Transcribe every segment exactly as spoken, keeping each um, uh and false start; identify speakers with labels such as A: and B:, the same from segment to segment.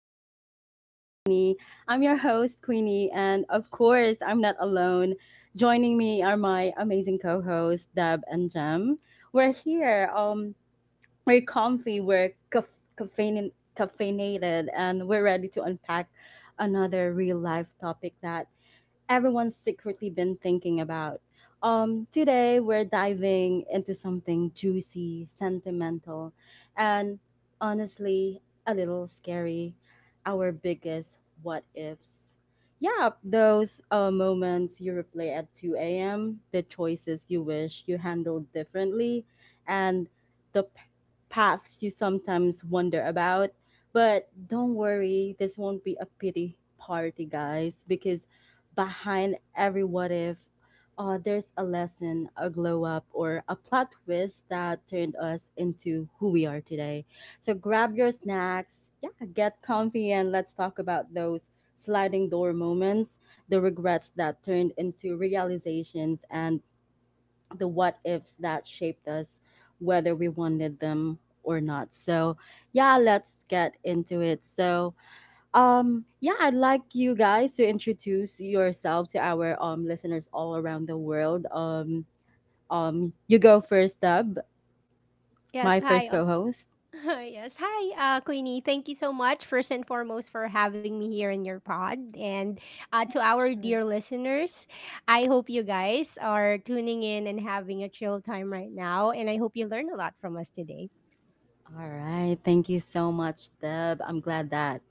A: Chill Talks with Queenie. I'm your host, Queenie, and of course, I'm not alone. Joining me are my amazing co hosts, Deb and Jem. We're here, um, we're comfy, we're caf- caffeine- caffeinated, and we're ready to unpack another real life topic that everyone's secretly been thinking about. Um, today, we're diving into something juicy, sentimental, and honestly, a little scary, our biggest what ifs. Yeah, those uh, moments you replay at two a m, the choices you wish you handled differently, and the p- paths you sometimes wonder about. But don't worry, this won't be a pity party, guys, because behind every what if, uh, there's a lesson, a glow up, or a plot twist that turned us into who we are today. So grab your snacks, yeah, get comfy, and let's talk about those sliding door moments, the regrets that turned into realizations, and the what ifs that shaped us, whether we wanted them or not. So, yeah, let's get into it. So, um, yeah, I'd like you guys to introduce yourself to our um listeners all around the world. Um, um, you go first, Deb,
B: Yes,
A: my
B: hi.
A: first
B: Uh,
A: co-host.
B: yes, hi, uh, Queenie. Thank you so much, first and foremost, for having me here in your pod. And uh, to our
A: Sure.
B: dear listeners, I hope you guys are tuning in and having a chill time right now. And I hope you learn a lot from us today.
A: All right, thank you so much, Deb. I'm glad that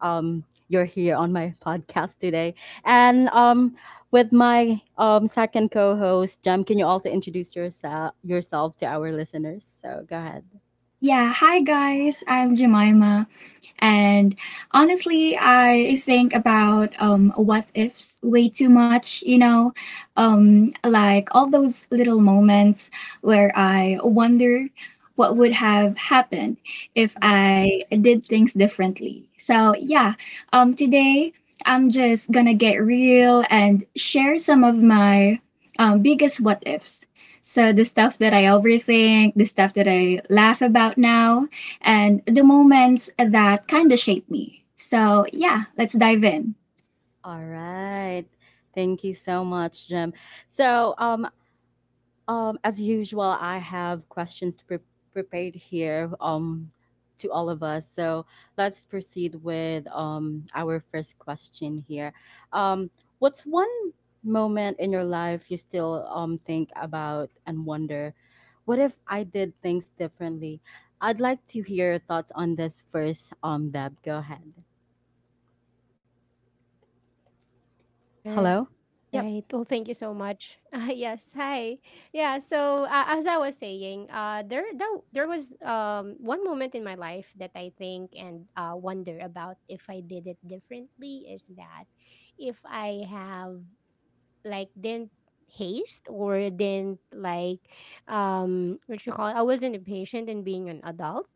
A: um you're here on my podcast today, and um with my um second co-host, Jem. Can you also introduce yourself yourself to our listeners? So go ahead.
C: Yeah, hi guys, I'm Jemima. And honestly, I think about um, what ifs way too much, you know, um, like all those little moments where I wonder what would have happened if
A: Mm.
C: I did things differently. So, yeah, um, today I'm just gonna get real and share some of my um, biggest what ifs. So, the stuff that I overthink, the stuff that I laugh about now, and the moments that kind of shaped me. So yeah, let's dive in.
A: All right. Thank you so much, Jim. So, um, Um, as usual, I have questions to pre- prepared here um, to all of us. So let's proceed with um, our first question here. Um, what's one moment in your life you still um, think about and wonder, what if I did things differently? I'd like to hear your thoughts on this first, um, Deb. Go ahead.
B: All
A: Hello?
B: right. Well, thank you
A: Yep.
B: so much. Uh, yes. Hi. Yeah. So uh, as I was saying, uh, there that, there was um one moment in my life that I think and uh, wonder about if I did it differently is that if I have like didn't haste or didn't like um what you call it, I wasn't impatient in being an adult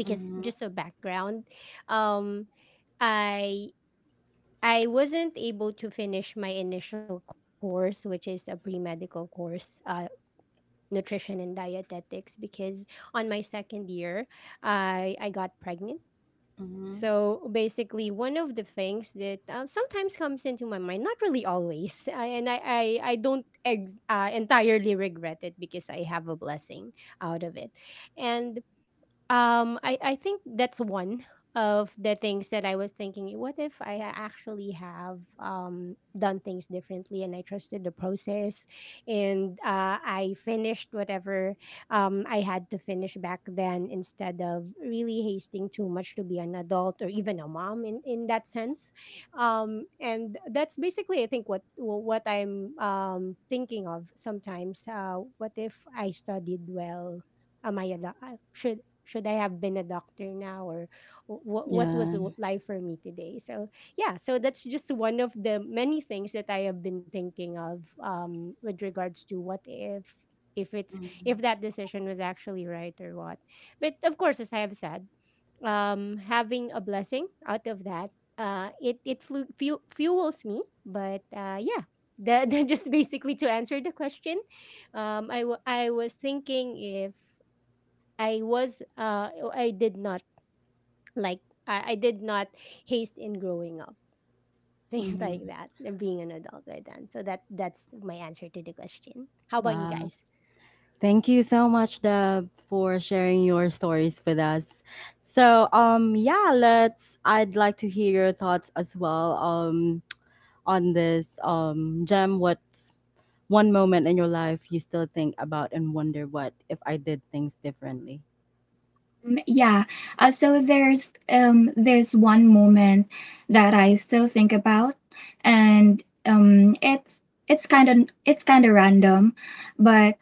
A: Ừm hứm,
B: just a background um. I I wasn't able to finish my initial course, which is a pre medical course, uh, nutrition and dietetics, because on my second year, I I got pregnant.
A: ừm
B: So basically, one of the things that uh, sometimes comes into my mind, not really always, I, and I I, I don't ex- uh, entirely regret it because I have a blessing out of it, and um, I I think that's one of the things that I was thinking, what if I a- actually have um done things differently and I trusted the process and uh, I finished whatever um I had to finish back then instead of really hasting too much to be an adult or even a mom in in that sense. Um and that's basically I think what what I'm um thinking of sometimes. Uh what if I studied well? Am I allowed? Should I have been a doctor now or what what was
A: yeah,
B: w- life for me today? So yeah, so that's just one of the many things that I have been thinking of um, with regards to what if if it's
A: ừm,
B: if that decision was actually right or what. But of course, as I have said, um, having a blessing out of that, uh, it it flu- fu- fuels me. But uh, yeah. That, that just basically to answer the question, um, I w- I was thinking if I was uh oh, I did not like I, I did not haste in growing up. Things
A: ừm,
B: like that, and being an adult by then. So that that's my answer to the question. How about you
A: wow.
B: guys?
A: Thank you so much, Deb, for sharing your stories with us. So, um, yeah, let's. I'd like to hear your thoughts as well, um, on this, um, gem. What's one moment in your life you still think about and wonder what if I did things differently?
C: Mm. Yeah, uh, so there's um there's one moment that I still think about, and um it's it's kind of it's kind of random, but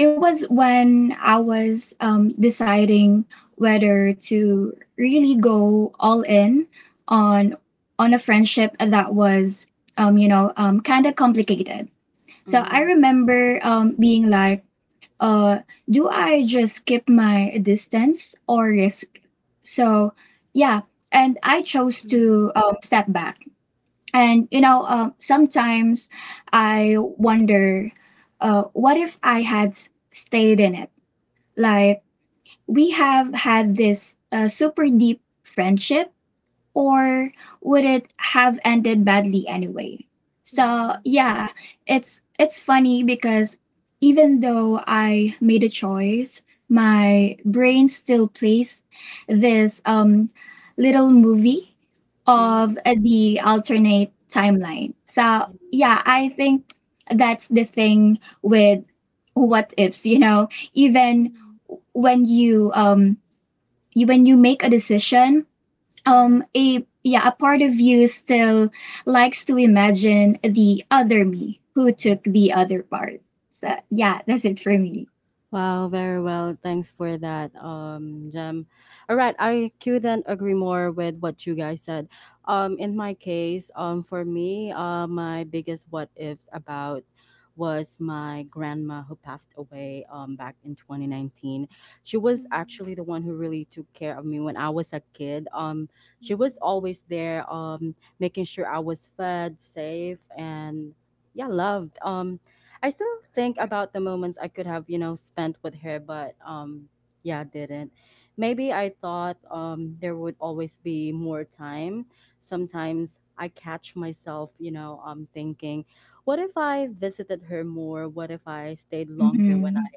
C: it was when I was um deciding whether to really go all in on on a friendship that was um you know um kind of complicated. So I
A: Mm-hmm.
C: remember um being like, uh, do I just keep my distance or risk? So yeah, and I chose
B: Mm-hmm.
C: to um, step back. And you know, um, sometimes I wonder, uh, what if I had stayed in it? Like we have had this uh, super deep friendship, or would it have ended badly anyway? So
B: Mm-hmm.
C: yeah, it's it's funny because even though I made a choice, my brain still plays this um little movie
A: Mm-hmm.
B: Mm-hmm.
C: of uh, the alternate timeline. So
A: Mm.
C: yeah, I think that's the thing with what ifs. You know, even when you um you, when you make a decision,
A: Yeah.
C: um a yeah a part of you still likes to imagine the other me who took the other part. So yeah, that's it for me.
A: Wow, very well. Thanks for that, um, Jem. All right, I couldn't agree more with what you guys said. Um, in my case, um, for me, uh, my biggest what ifs about was my grandma who passed away um back in twenty nineteen. She was
B: Mm-hmm.
A: actually the one who really took care of me when I was a kid. Um, she was always there, um, making sure I was fed, safe, and yeah, loved. Um, I still think about the moments I could have, you know, spent with her, but um yeah, didn't. Maybe I thought um there would always be more time. Sometimes I catch myself, you know, um thinking, what if I visited her more? What if I stayed longer when
C: Mm-hmm.
A: I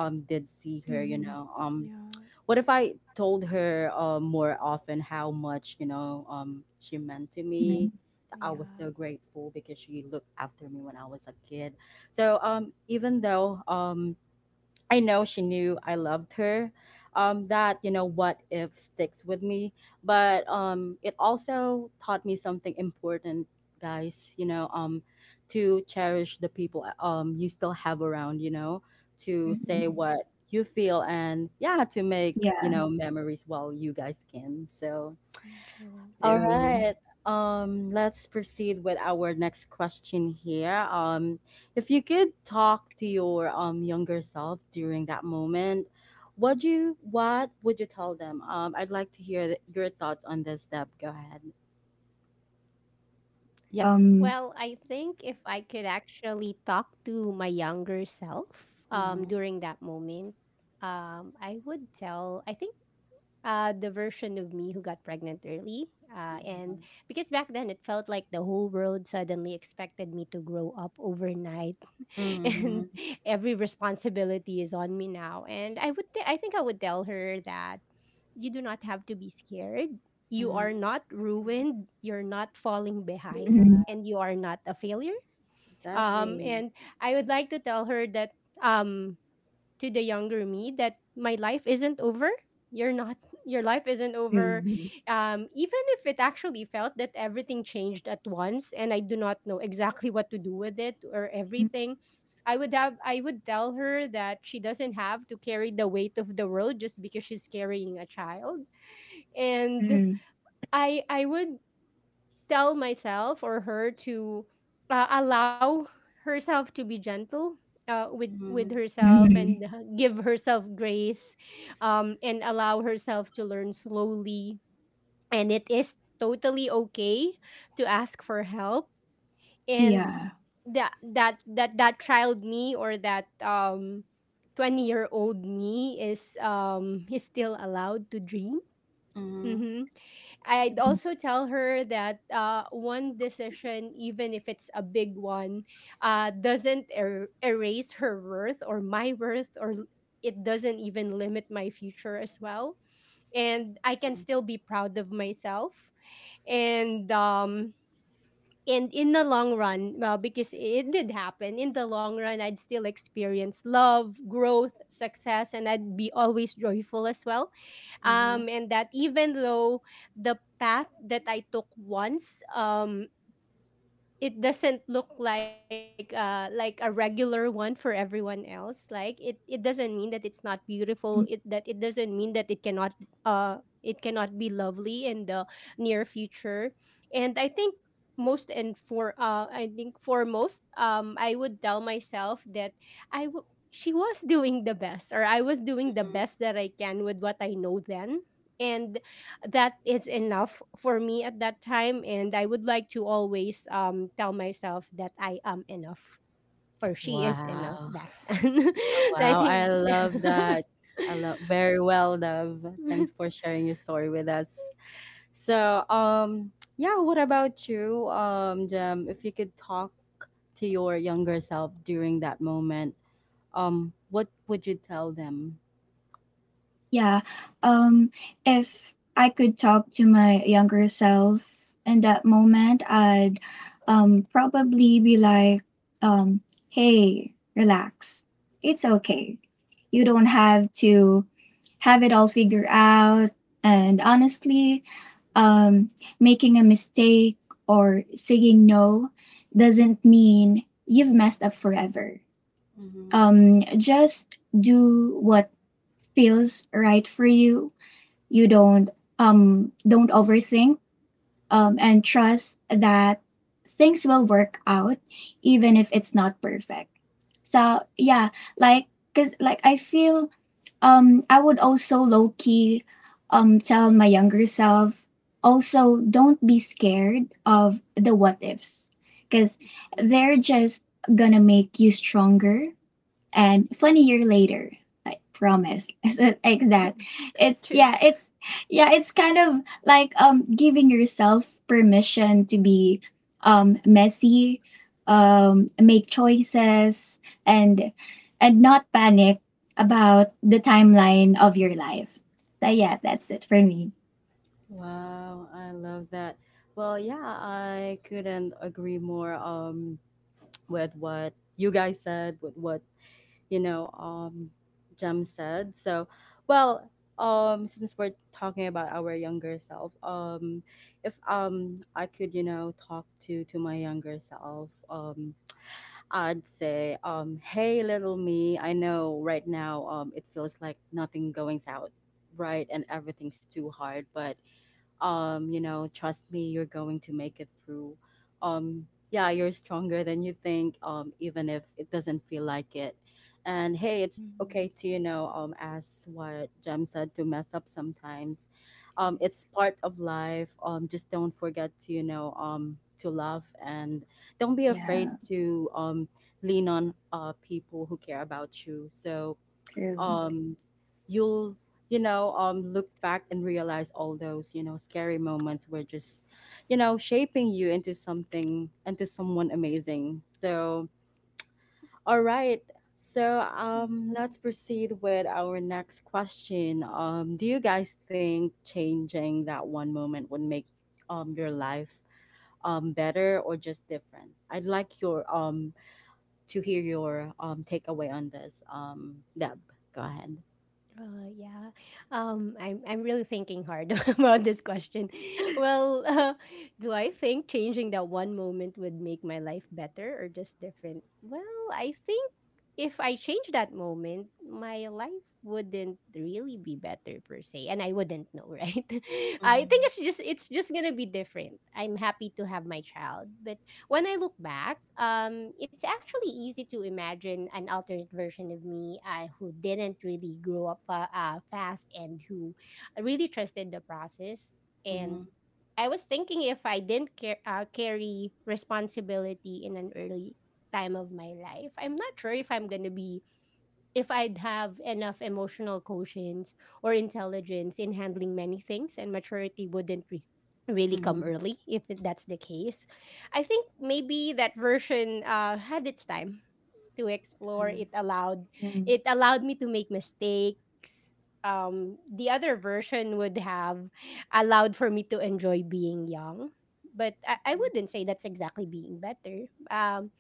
A: um did see her, you
B: Mm-hmm.
A: know? Um
B: Yeah.
A: what if I told her um, more often how much you know um, she meant to me? That I was so
B: Yeah.
A: grateful because she looked after me when I was a kid. So um, even though um, I know she knew I loved her. Um, that you know, what if sticks with me, but um, it also taught me something important, guys. You know, um, to cherish the people um you still have around. You know, to say
C: Mm-hmm.
A: what
B: Hmm.
A: you feel and yeah, to make you know
C: Yeah.
A: memories while you guys can. So
B: True.
A: all
C: True.
A: right. Um, let's proceed with our next question here. Um, if you could talk to your um younger self during that moment, what do you what would you tell them? Um, I'd like to hear th- your thoughts on this, Deb. Go ahead. Yep.
B: Well, I
C: um
B: think if I could actually talk to my younger self um during
A: Mm-hmm.
B: that moment, um I would tell I think uh the version of me who got pregnant early. Uh
A: Yeah.
B: and because back then it felt like the whole world suddenly expected me to grow up overnight and
A: Mm-hmm.
B: every responsibility is on me now. And I would th- I think I would tell her that you do not have to be scared. You are
A: Mm-hmm.
B: not ruined. You're not falling behind,
C: mhm,
B: and you are not a failure. Um,
A: Exactly.
B: and I would like to tell her that um, to the younger me that my life isn't over. You're not. Your life isn't over.
C: true.
B: Um, even if it actually felt that everything changed at once, and I do not know exactly what to do with it or everything, I would have. I would tell her that she doesn't have to carry the weight of the world just because she's carrying a child, and
C: Mhm,
B: i i would tell myself or her to uh, allow herself to be gentle uh, with with
A: Mm-hmm.
B: herself,
C: mhm.
B: and h- give herself grace um and allow herself to learn slowly, and it is totally okay to ask for help, and
C: Yeah.
B: that that that that child me or that um twenty year old me is um is still allowed to dream.
A: Mm-hmm.
B: Mhm. I'd also tell her that uh, one decision, even if it's a big one, uh, doesn't er- erase her worth or my worth, or l- it doesn't even limit my future as well. And I can still be proud of myself. And um, and in the long run, well because it did happen in the long run, I'd still experience love, growth, success, and I'd be always joyful as well,
A: Mm-hmm.
B: um and that even though the path that I took once, um it doesn't look like uh like a regular one for everyone else, like it it doesn't mean that it's not beautiful, it that it doesn't mean that it cannot uh it cannot be lovely in the near future. And I think, most and for uh i think foremost, um I would tell myself that i w- she was doing the best or I was doing the best that I can with what I know then, and that is enough for me at that time. And I would like to always um tell myself that I am enough or she is enough
A: Wow.
B: back then.
A: Oh,
B: I
A: wow. I
B: think.
A: love that. I love very well, love. Thanks for sharing your story with us. So, um, yeah, what about you, um, Jem? If you could talk to your younger self during that moment, um, what would you tell them?
C: Yeah. Um, if I could talk to my younger self in that moment, I'd um, probably be like, um, hey, relax. It's okay. You don't have to have it all figured out. And honestly, um, making a mistake or saying no doesn't mean you've messed up forever.
A: Hmm.
C: Um, just do what feels right for you you. Don't um don't overthink, um and trust that things will work out even if it's not perfect. So yeah, like because like i feel um i would also low-key um tell my younger self, also don't be scared of the what ifs, because they're just gonna make you stronger and fun year later, I promise. So like that, it's
B: True.
C: yeah it's yeah it's kind of like um giving yourself permission to be um messy, um make choices, and and not panic about the timeline of your life. So yeah, that's it for me.
A: Wow, I love that. Well, yeah, I couldn't agree more um with what you guys said, with what you know, um, Jem said. So, well, um, since we're talking about our younger self, um, if um I could, you know, talk to to my younger self, um, I'd say, um, hey, little me, I know right now, um, it feels like nothing going's out right and everything's too hard, but um you know trust me, you're going to make it through, um yeah, you're stronger than you think, um even if it doesn't feel like it. And hey, it's
B: Mhm.
A: okay to you know um as what Jem said, to mess up sometimes. um
B: Yes.
A: it's part of life. Um just don't forget to you know um to love, and don't be afraid
C: Yeah,
B: Mhm.
A: to um lean on uh people who care about you. so
C: true.
A: um you'll, you know um look back and realize all those, you know scary moments were just, you know shaping you into something, into someone amazing. So all right. so um
B: Mhm.
A: let's proceed with our next question. Um do you guys think changing that one moment would make um your life um better or just different? I'd like your um to hear your um takeaway on this, um Deb. Go ahead.
B: Uh, yeah. Um, I'm I'm really thinking hard about this question. Well, uh, do I think changing that one moment would make my life better or just different? Well, I think if I change that moment, my life wouldn't really be better per se, and I wouldn't know, right? I think
A: Mhm,
B: it's just it's just gonna be different. I'm happy to have my child, but when I look back, um, it's actually easy to imagine an alternate version of me uh, who didn't really grow up fa- uh, fast and who really trusted the process.
A: mhm,
B: And I was thinking if I didn't car- uh, carry responsibility in an early time of my life, I'm not sure if I'm gonna be if I'd have enough emotional quotients or intelligence in handling many things, and maturity wouldn't re- really come
A: mhm,
B: early if that's the case. I think maybe that version uh, had its time to explore.
A: mhm,
B: It allowed it allowed me to make mistakes. Um, the other version would have allowed for me to enjoy being young. But I, I
A: mhm.
B: wouldn't say that's exactly being better. Um,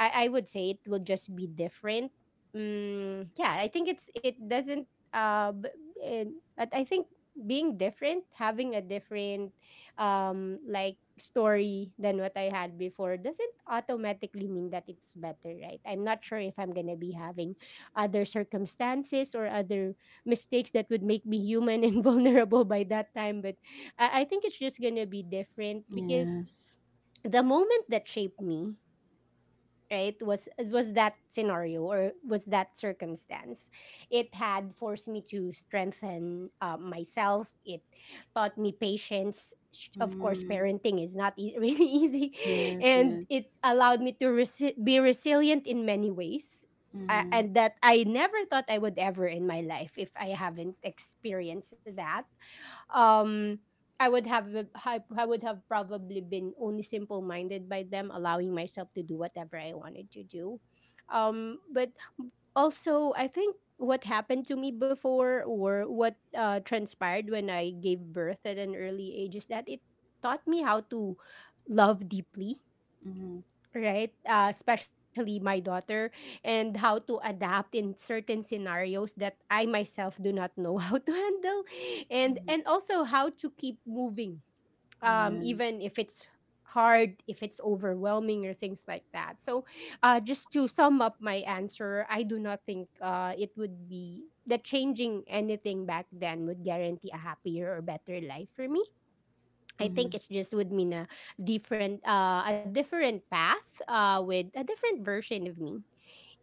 B: I, I would say it will just be different. Mm, yeah, I think it's it doesn't uh, b- and- but I think being different, having a different um like story than what I had before doesn't automatically mean that it's better, right? I'm not sure if I'm gonna be having other circumstances or other mistakes that would make me human and vulnerable by that time. But I, I think it's just gonna be different because
A: Yes.
B: the moment that shaped me, right, was was that scenario or was that circumstance. It had forced me to strengthen uh, myself. It taught me patience. Sh- of course
A: Mm.
B: parenting is not ea- really easy,
A: Yes,
B: and
A: yes.
B: it allowed me to resi- be resilient in many ways, uh,
A: Mhm,
B: and that I never thought I would ever in my life, if I haven't experienced that, um I would have I I would have probably been only simple minded by them, allowing myself to do whatever I wanted to do, um but also I think what happened to me before or what uh, transpired when I gave birth at an early age is that it taught me how to love deeply,
A: mhm,
B: right? Uh, especially my daughter, and how to adapt in certain scenarios that I myself do not know how to handle, and
A: mhm.
B: and also how to keep moving, um,
A: Yeah.
B: even if it's hard, if it's overwhelming, or things like that. So, uh, just to sum up my answer, I do not think uh, it would be that changing anything back then would guarantee a happier or better life for me. I think
A: Mhm.
B: it's just would mean a different, uh a different path, uh with a different version of me.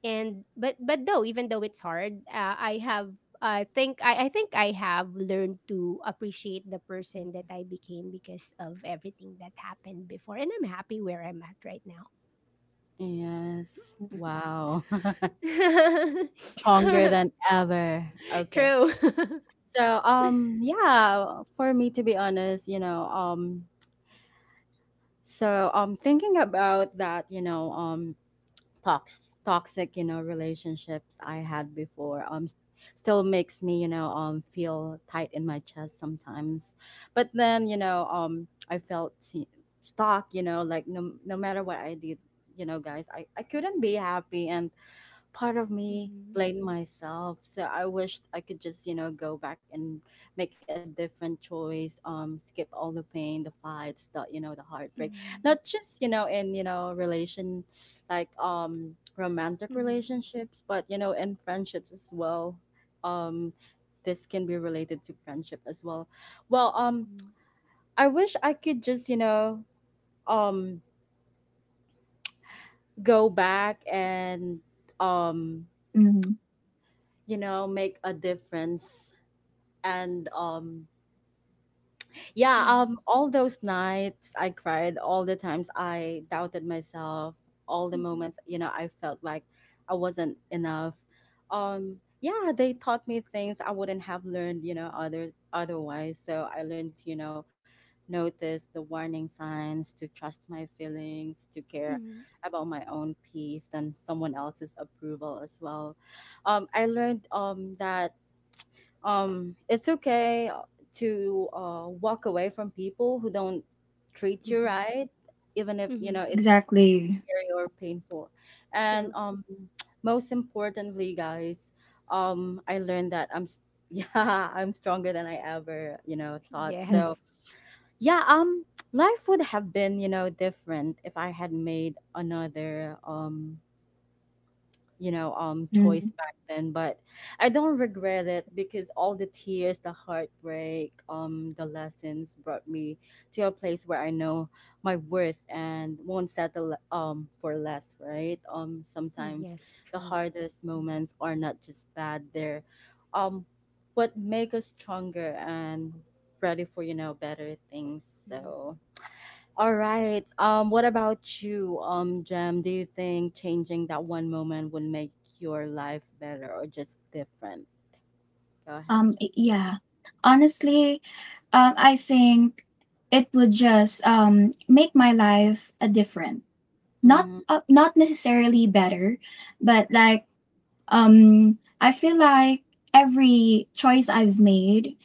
B: And but but though Even though it's hard, uh, I have I think I, I think I have learned to appreciate the person that I became because of everything that happened before, and I'm happy where I'm at right now.
A: Yes. Wow. Stronger than ever. Okay.
B: True.
A: So um yeah, for me to be honest, you know, um so um thinking about that, you know, um tox- toxic, you know, relationships I had before um s- still makes me, you know, um feel tight in my chest sometimes. But then, you know, um I felt t- stuck, you know, like no no matter what I did, you know, guys, I I couldn't be happy, and part of me blamed myself. So I wished I could just, you know, go back and make a different choice, um, skip all the pain, the fights, the you know, the heartbreak.
B: Mhm,
A: Not just, you know, in, you know, relation like um romantic
B: mhm,
A: relationships, but you know, in friendships as well. Um this can be related to friendship as well. Well, um
B: mhm,
A: I wish I could just, you know, um go back and um
C: Mm-hmm.
A: you know make a difference, and um yeah, um
B: mhm,
A: all those nights I cried, all the times I doubted myself, all the
B: mhm,
A: moments, you know I felt like I wasn't enough, um yeah, they taught me things I wouldn't have learned, you know other otherwise. So I learned to, you know, notice the warning signs, to trust my feelings, to
B: mhm,
A: care
B: mhm,
A: about my own peace than someone else's approval as well. um I learned um that um it's okay uh, to uh walk away from people who don't treat you
B: mhm,
A: right, even if, you know,
B: mhm.
A: it's
C: Exactly.
A: scary or painful. And
B: True.
A: um most importantly, guys, um I learned that i'm s- yeah, I'm stronger than I ever, you know, thought. So
B: Yes.
A: yeah, um life would have been, you know, different if I had made another, um you know um
C: Mm-hmm.
A: choice back then, but I don't regret it, because all the tears, the heartbreak, um the lessons brought me to a place where I know my worth and won't settle um for less, right? um
B: Mm, yes,
A: sometimes
B: true.
A: the hardest
B: Mhm,
A: moments are not just bad, they're um what make us stronger and ready for, you know, better things.
B: mhm.
A: So all right. Um, what about you, um, Jem? Do you think changing that one moment would make your life better or just different? Go ahead,
C: Um,
A: Jem.
C: y- yeah. Honestly, um, I think it would just um, make my life a different, not
A: Mm-hmm.
C: uh, not necessarily better, but like um, I feel like every choice I've made,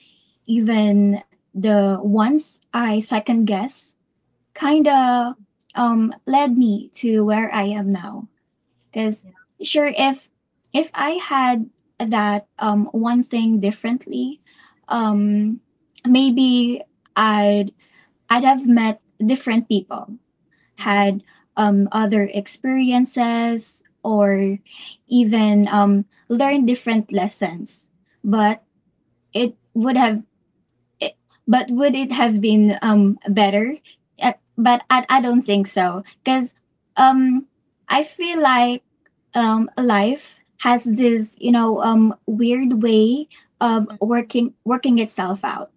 C: even the ones I second guess, kind of
B: Mm,
C: um, led me to where I am now. Because
A: Yeah.
C: sure, if if I had that um one thing differently, um maybe I'd I'd have met different people,
A: Mm-hmm.
C: had um other experiences, or even um learned
B: true.
C: different lessons. But it would have it, but would it have been um better? Uh, but I, I don't think so, because um I feel like um life has this you know um weird way of
B: Mhm,
C: working working itself out.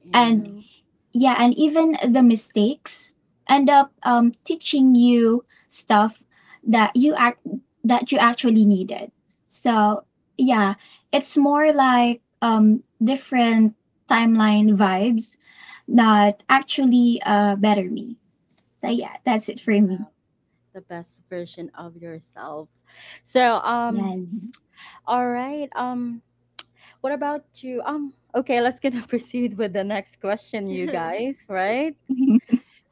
A: Yeah.
C: And
B: true.
C: yeah, and even the mistakes end up um teaching you stuff that you act that you actually needed. So yeah, it's more like um different timeline vibes, not actually uh better me. So yeah, that's it for me.
A: Wow. The best version of yourself. So, um,
C: Yes.
A: all right. Um, what about you? Um, okay, let's gonna proceed with the next question, you guys, right?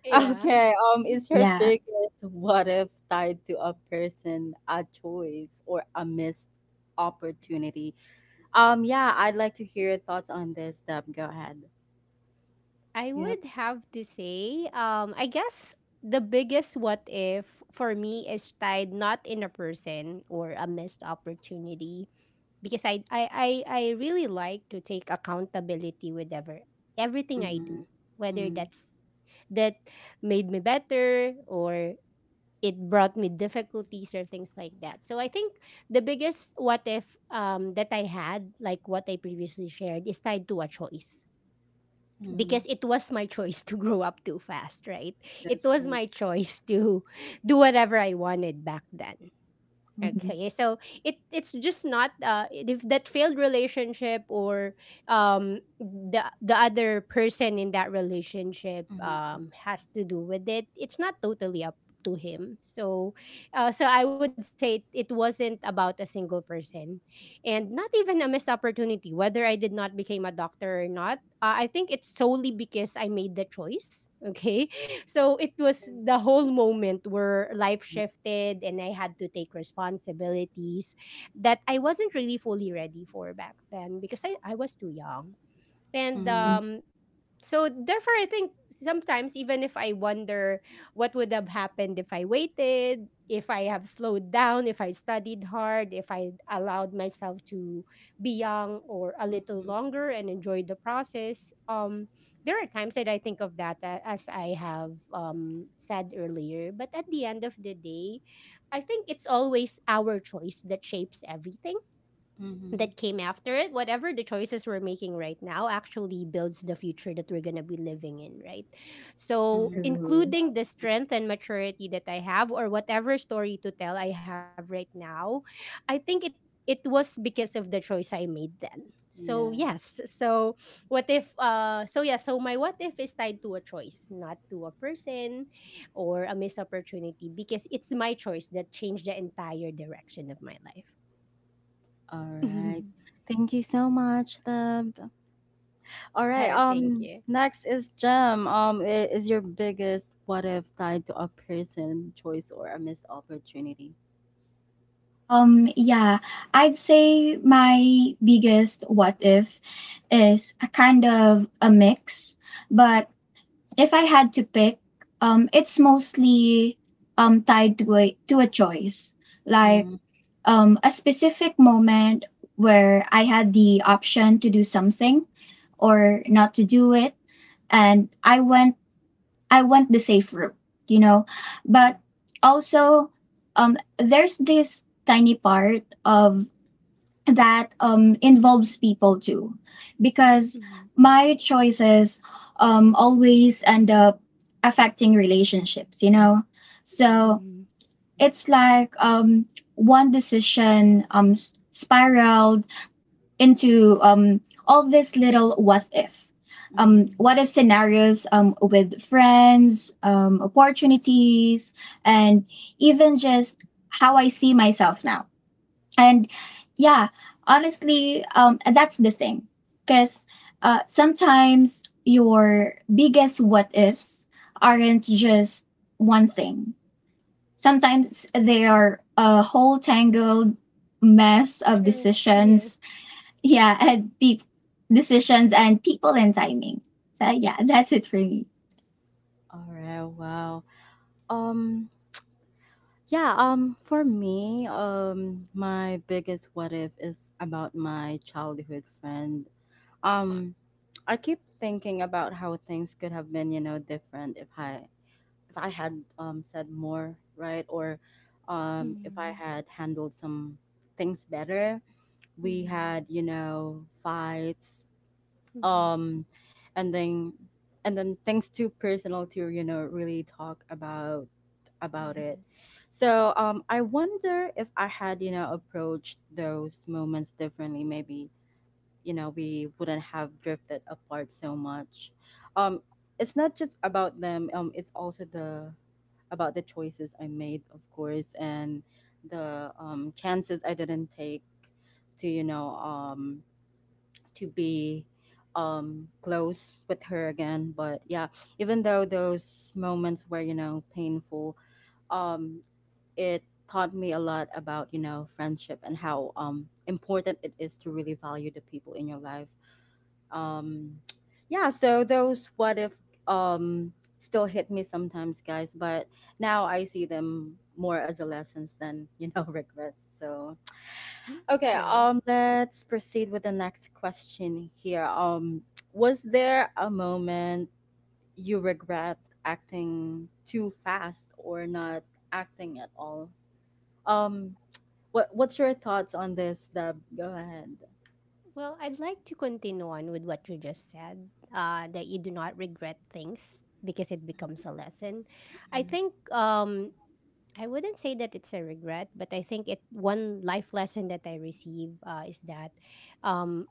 B: Yeah.
A: Okay, um,
B: Mhm.
A: is your
C: Yeah.
A: biggest what if tied to a person, a choice, or a missed opportunity? Um, yeah, I'd like to hear your thoughts on this, Deb. Go ahead.
B: I
A: Yep.
B: would have to say, um, I guess the biggest what if for me is tied not in a person or a missed opportunity because I I I, I really like to take accountability with ever everything I do, whether
A: Mm-hmm.
B: that's that made me better or it brought me difficulties or things like that. So I think the biggest what if um, that I had, like what I previously shared, is tied to a choice
A: Mm-hmm.
B: because it was my choice to grow up too fast, right? It
A: That's
B: was
A: right.
B: my choice to do whatever I wanted back then.
C: Mhm.
B: Okay, so it it's just not uh if that failed relationship or um the the other person in that relationship
A: Mm-hmm.
B: um has to do with it. It's not totally up to him. So, uh, so I would say it wasn't about a single person, and not even a missed opportunity. Whether I did not become a doctor or not, uh, I think it's solely because I made the choice. Okay. So it was the whole moment where life shifted and I had to take responsibilities that I wasn't really fully ready for back then because I, I was too young. And
A: Mm-hmm.
C: Mhm.
B: um so therefore I think sometimes even if I wonder what would have happened if I waited, if I have slowed down, if I studied hard, if I allowed myself to be young or a little
A: Mm-hmm.
B: longer and enjoy the process um there are times that I think of that a- as I have um said earlier, but at the end of the day I think it's always our choice that shapes everything
A: Mm-hmm.
B: that came after it. Whatever the choices we're making right now actually builds the future that we're going to be living in, right? So,
A: Mm-hmm.
C: True.
B: including
A: Well,
B: the strength and maturity that I have or whatever story to tell I have right now, I think it it was because of the choice I made then.
A: yeah.
B: So, yes. So, what if uh so yeah, so my what if is tied to a choice, not to a person or a missed opportunity because it's my choice that changed the entire direction of my life.
A: All right. Thank you so much, Deb. All right.
B: Oh, thank
A: Um.
B: you.
A: Next is Jem. Um. i- Is your biggest what if tied to a person, choice, or a missed opportunity?
C: Um yeah, I'd say my biggest what if is a kind of a mix, but if I had to pick, um, it's mostly um, tied to a, to a choice, like
A: Mm,
C: um, a specific moment where I had the option to do something or not to do it, and I went I went the safe route, you know. But also, um, there's this tiny part of that um, involves people too, because
B: Mhm.
C: my choices um, always end up affecting relationships, you know
A: mhm,
C: so
B: Mhm. Mhm.
C: it's like um, one decision um, s- spiraled into um, all these little what if um,
A: mhm.
C: what if scenarios um, with friends, um, opportunities, and even just how I see myself now. And yeah, honestly, um and that's the thing, because uh sometimes your biggest what ifs aren't just one thing. Sometimes they are a whole tangled mess of
B: True. Yes.
C: decisions, yeah, and deep decisions and people and timing. So yeah, that's it for me.
A: All right. Wow. Um. Yeah. Um. For me, um, my biggest what if is about my childhood friend. Um. I keep thinking about how things could have been, you know, different if I if I had um, said more, right? Or um, if
B: Mhm.
A: I had handled some things better. We
B: Mhm.
A: had, you know, fights,
B: Mhm.
A: um, and then and then things too personal to, you know, really talk about about it.
B: Yes.
A: So um, I wonder if I had, you know, approached those moments differently. Maybe you know we wouldn't have drifted apart so much. um it's not just about them. Um it's also the about the choices I made, of course, and the um chances I didn't take to you know um to be um close with her again. But yeah, even though those moments were you know painful, um it taught me a lot about you know friendship and how um important it is to really value the people in your life. um yeah, so those what if um still hit me sometimes, guys, but now I see them more as a lessons than you know regrets. So
B: Mm,
A: okay,
B: true.
A: um let's proceed with the next question here. Um was there a moment you regret acting too fast or not acting at all? um what what's your thoughts on this, Deb? Go ahead.
B: Well, I'd like to continue on with what you just said, uh, that you do not regret things because it becomes a lesson. I think um, I wouldn't say that it's a regret, but I think it one life lesson that I receive uh, is that um,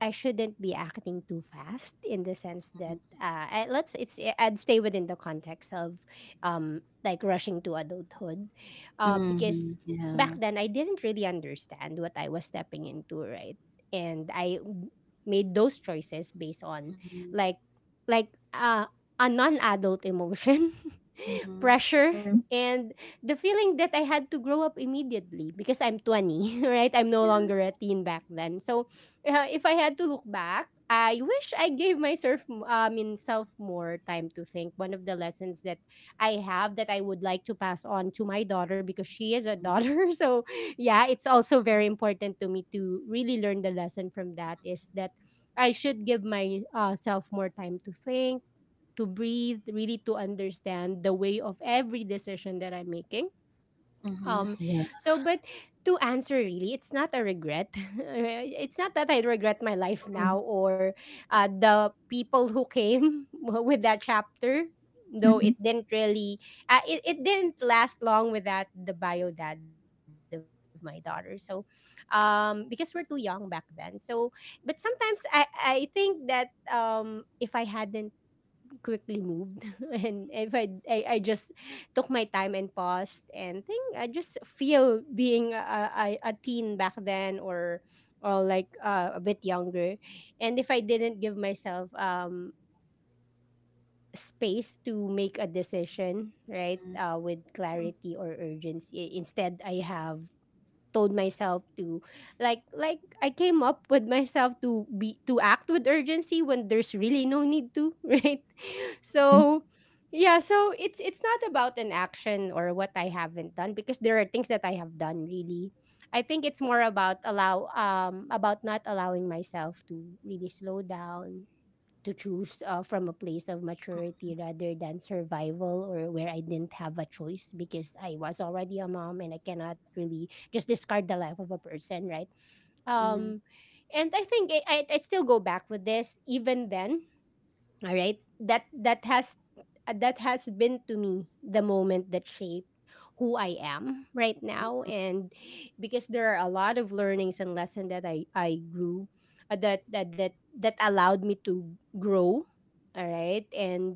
B: I shouldn't be acting too fast in the sense that uh, I, let's it's eh, I'd stay within the context of um like rushing to adulthood, uh,
A: Mm-hmm.
B: because
A: Yeah.
B: back then I didn't really understand what I was stepping into, right? And I w- made those choices based on like like uh, a non-adult emotion,
A: Mhm.
B: pressure,
C: Mhm.
B: and the feeling that I had to grow up immediately because I'm twenty, right? I'm no
A: Yeah.
B: longer a teen back then, so uh, if I had to look back, I wish I gave myself, m- I mean, self more time to think. One of the lessons that I have that I would like to pass on to my daughter because she is a
A: Mm.
B: daughter. So, yeah, it's also very important to me to really learn the lesson from that is that I should give myself more time to think, to breathe, really to understand the way of every decision that I'm making
A: Mhm.
B: um,
A: Yeah.
B: so, but to answer really, it's not a regret. It's not that I regret my life now or uh, the people who came with that chapter. Though
C: Mhm.
B: it didn't really, uh, it, it didn't last long without the bio dad of my daughter. So, um, because we're too young back then. So, but sometimes I, I think that um, if I hadn't quickly moved and if I, I i just took my time and paused and think I just feel being a, a, a a teen back then, or or like uh, a bit younger, and if I didn't give myself um space to make a decision right,
A: Mhm.
B: uh, with clarity or urgency, instead I have told myself to like like I came up with myself to be to act with urgency when there's really no need to, right?
C: Mhm.
B: So yeah, so it's it's not about an action or what I haven't done because there are things that I have done really. I think it's more about allow um about not allowing myself to really slow down to choose uh, from a place of maturity rather than survival, or where I didn't have a choice because I was already a mom and I cannot really just discard the life of a person, right? Um, and I think I, I, I'd still go back with this even then, all right? That that has that has been to me the moment that shaped who I am right now, and because there are a lot of learnings and lessons that I I grew, uh, that that that that allowed me to grow, all right, and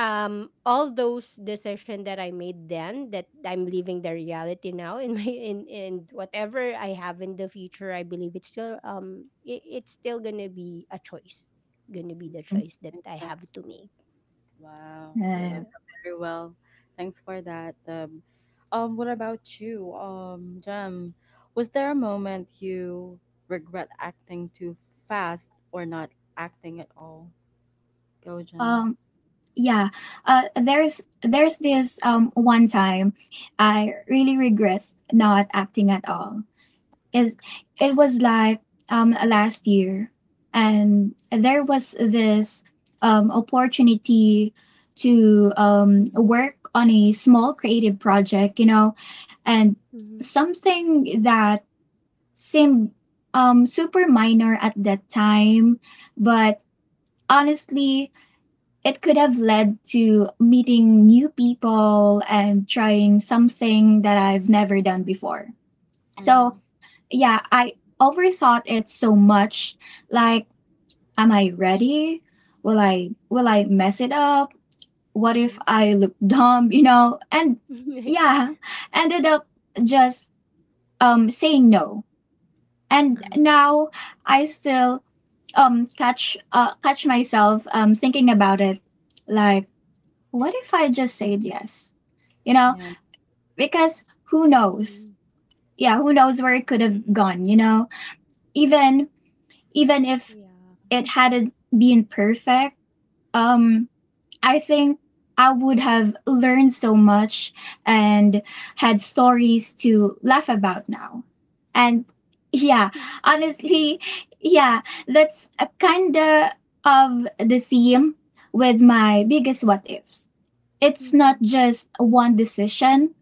B: um all those decision that I made then that I'm living the reality now in my, in and whatever I have in the future I believe it's still um it, it's still gonna be a choice, gonna be
A: Mhm.
B: the
C: Mhm.
B: choice that I have to
A: Exactly.
B: make,
A: Wow, I
B: so
A: love
C: Yeah.
B: yeah.
A: that. Very well. Thanks for that. Um, um, what about you, um, Jem? Was there a moment you regret acting too fast or not acting at all? Go, Jem.
C: Um, Yeah, uh, there's there's this um one time I really regret not acting at all. Is it was like um last year, and there was this um opportunity to um
B: Mm-hmm.
C: work on a small creative project, you know, and
B: Mm-hmm.
C: something that seemed um super minor at that time, but honestly it could have led to meeting new people and trying something that I've never done before. So,
A: Mhm,
C: yeah, I overthought it so much. Like, am I ready? Will I will I mess it up? What if I look dumb, you know? And
B: Mm-hmm.
C: yeah, ended up just um saying no. And
A: mhm.
B: Uh-huh.
C: now I still um catch uh, catch myself um thinking about it, like, what if I just said yes? You know,
A: Yeah,
C: because who knows?
B: Mm-hmm.
C: Yeah, who
B: Mm-hmm.
C: knows where it could have gone, you know? Even
B: Yeah.
C: even if it hadn't been perfect, um I think I would have learned so much and had stories to laugh about now. And yeah,
B: Yeah.
C: honestly, yeah, that's a kind of of the theme with my biggest what ifs. It's not
B: Mm-hmm.
C: just one decision,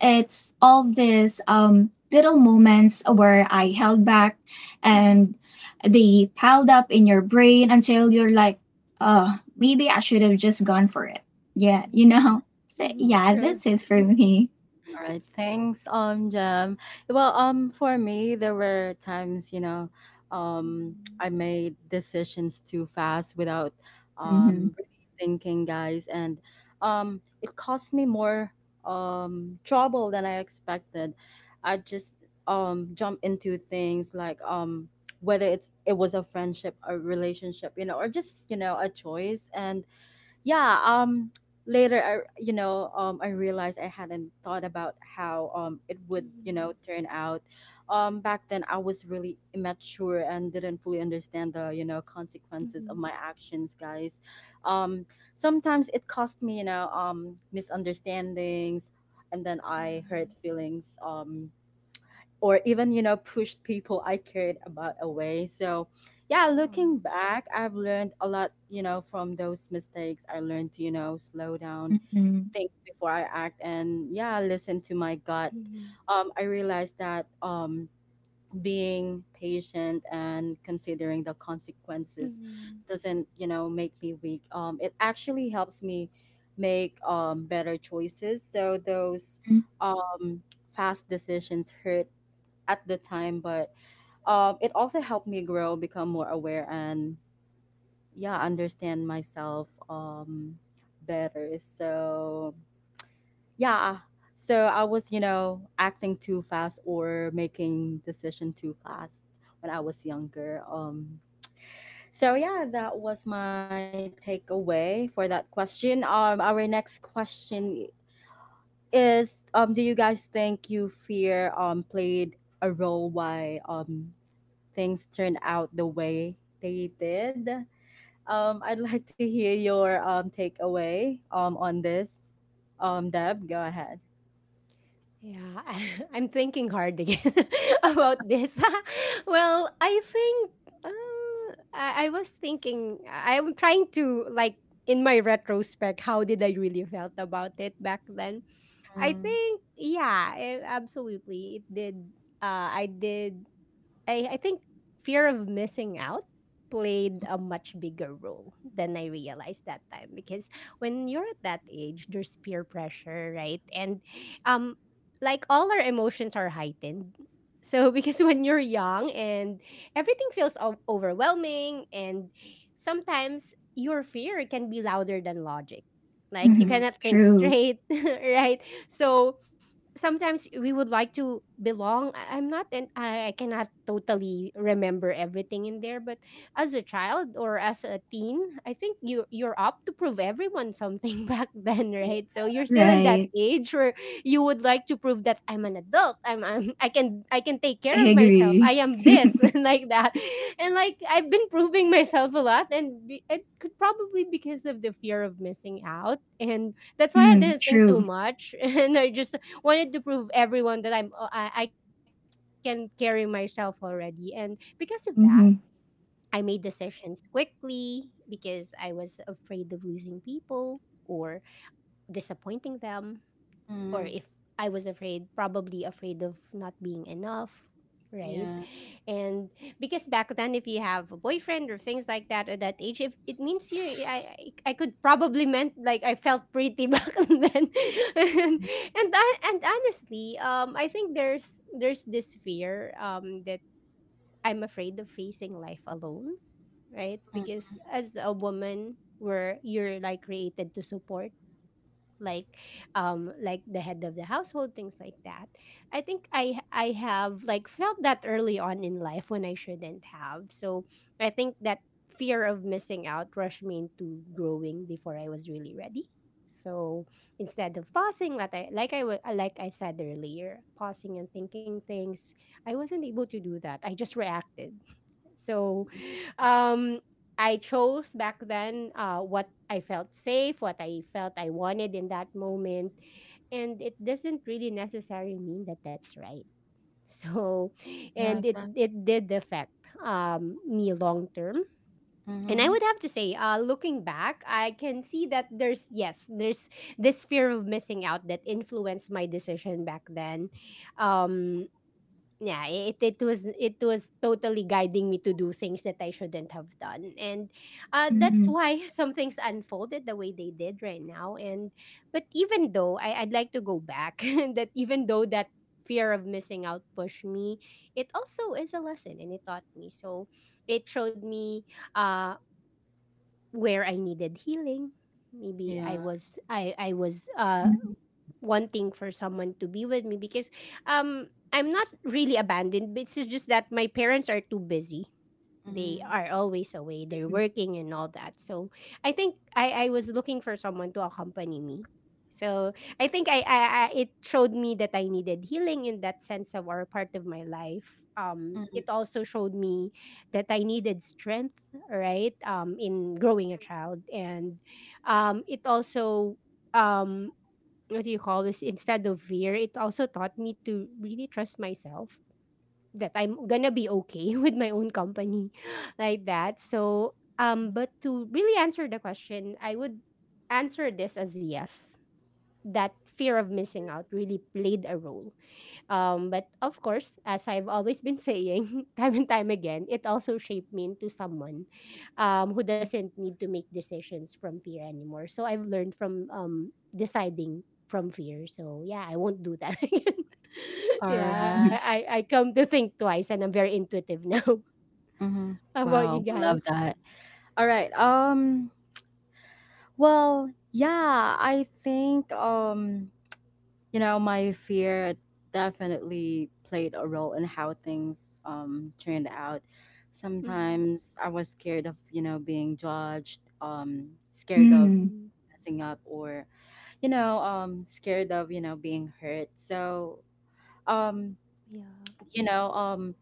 C: it's all these um, little moments where I held back, and
B: Mm-hmm.
C: they piled up in your brain until you're like, oh, maybe I should have just gone for it. Yeah, you
B: Yeah.
C: know? So,
B: Mm-hmm.
A: yeah.
C: yeah, that's
B: True.
C: it for me.
A: All right. Thanks, um, Jam. Well, um, for me, there were times, you know, um,
B: Mm-hmm.
A: I made decisions too fast without,
C: Mm-hmm.
A: um, really thinking, guys, and, um, it cost me more, um, trouble than I expected. I just, um, jump into things, like, um, whether it's it was a friendship, a relationship, you know, or just you know a choice, and yeah, um later I you know um I realized I hadn't thought about how um it would you know
B: Mm-hmm.
A: turn out. Um back then, I was really immature and didn't fully understand the you know
B: Mm-hmm.
A: consequences of my actions, guys. um Sometimes it cost me you know um misunderstandings, and then I hurt feelings um or even you know pushed people I cared about away. So yeah,
B: Yeah.
A: looking back, I've learned a lot you know from those mistakes. I learned to you know slow down,
C: Mm-hmm.
A: think before I act, and yeah, listen to my gut.
B: Oh.
A: um, I realized that um, being patient and considering the consequences
B: Hmm.
A: doesn't you know make me weak. Um, it actually helps me make um, better choices. So those um, fast decisions hurt at the time, but um, it also helped me grow, become more aware, and yeah, understand myself um, better. So yeah, so I was you know acting too fast or making decision too fast when I was younger. Um, so yeah, that was my takeaway for that question. Um, our next question is, um, do you guys think you fear um played a role why um things turned out the way they did? Um, I'd like to hear your um, takeaway um, on this. Um, Deb, go ahead.
B: Yeah, I'm thinking hard again about this. Well, I think uh, I, I was thinking, I- I'm trying to, like, in my retrospect, how did I really felt about it back then? I
A: Mm,
B: think, yeah, eh, absolutely. It did. Uh, I did I I think fear of missing out played a much bigger role than I realized that time because when you're at that age, there's peer pressure, right? And um, like all our emotions are heightened. So because when you're young and everything feels o- overwhelming, and sometimes your fear can be louder than logic. Like you
C: Mm-hmm.
A: mm,
B: cannot think
C: True.
B: straight, right? So sometimes we would like to belong. I- I'm not and I, I cannot totally remember everything in there, but as a child or as a teen I think you you're up to prove everyone something back then,
A: yeah.
B: right? So you're still in that
C: Right.
B: age where you would like to prove that I'm an adult, i'm, I'm i can i can take care of
C: I
B: myself,
C: agree.
B: I am this and like that, and like I've been proving myself a lot and be, it could probably because of the fear of missing out, and that's why I
C: Mm,
B: didn't think too
C: true.
B: much and I just wanted to prove everyone that I'm uh, I, I can carry myself already. And because of that,
C: Mm-hmm.
B: I made decisions quickly because I was afraid of losing people or disappointing them, or
A: Mm,
B: if I was afraid, probably afraid of not being enough, right?
A: yeah.
B: And because back then, if you have a boyfriend or things like that at that age, if it means you, I, I I could probably meant like I felt pretty back then, and
A: Mm,
B: and, I, and honestly, um, I think there's there's this fear um that I'm afraid of facing life alone, right?
A: mm,
B: Because as a woman, where you're like created to support like um like the head of the household, things like that, I think i i have like felt that early on in life when I shouldn't have. So I think that fear of missing out rushed me into growing before I was really ready. So instead of pausing, like i like i wa- like I said earlier, pausing and thinking things, I wasn't able to do that, I just reacted. So um I chose back then uh what I felt safe, what I felt I wanted in that moment, and it doesn't really necessarily mean that that's right. So and
A: yeah,
B: it
A: exactly.
B: it did affect um me long term. And I
A: Mm-hmm.
B: would have to say, uh, looking back, I can see that there's, yes, there's this fear of missing out that influenced my decision back then. Um, yeah, it it was it was totally guiding me to do things that I shouldn't have done, and uh, that's
C: Mm-hmm.
B: why some things unfolded the way they did right now. And but even though I, I'd like to go back, that even though that fear of missing out pushed me, it also is a lesson, and it taught me. So it showed me uh, where I needed healing. Maybe
A: Yeah.
B: I was I I was uh wanting for someone to be with me because um I'm not really abandoned, but it's just that my parents are too busy. They
A: Mm,
B: are always away. They're
C: Mm-hmm.
B: working and all that. So I think I, I was looking for someone to accompany me. So I think I, I, I it showed me that I needed healing in that sense of or part of my life. Um,
A: mm.
B: it also showed me that I needed strength, right? Um, in growing a child, and um, it also, um, what do you call this, instead of fear it also taught me to really trust myself that I'm gonna be okay with my own company like that. So um but to really answer the question, I would answer this as yes, that fear of missing out really played a role, um, but of course, as I've always been saying time and time again, it also shaped me into someone um, who doesn't need to make decisions from fear anymore. So I've learned from um, deciding from fear. So yeah, I won't do that again.
A: All
B: Yeah,
A: right.
B: I, I I come to think twice, and I'm very intuitive now.
A: Mm-hmm.
B: How about you
A: Wow, love
B: guys?
A: that. All right. Um. Well, yeah, I think. Um. you know, my fear definitely played a role in how things um turned out.
B: Mm-hmm.
A: Sometimes I was scared of, you know, being judged, um scared of
C: Mm-hmm.
B: Mm-hmm.
A: messing up, or, you know, um scared of, you know, being hurt. So, um,
B: Yeah.
A: you know, um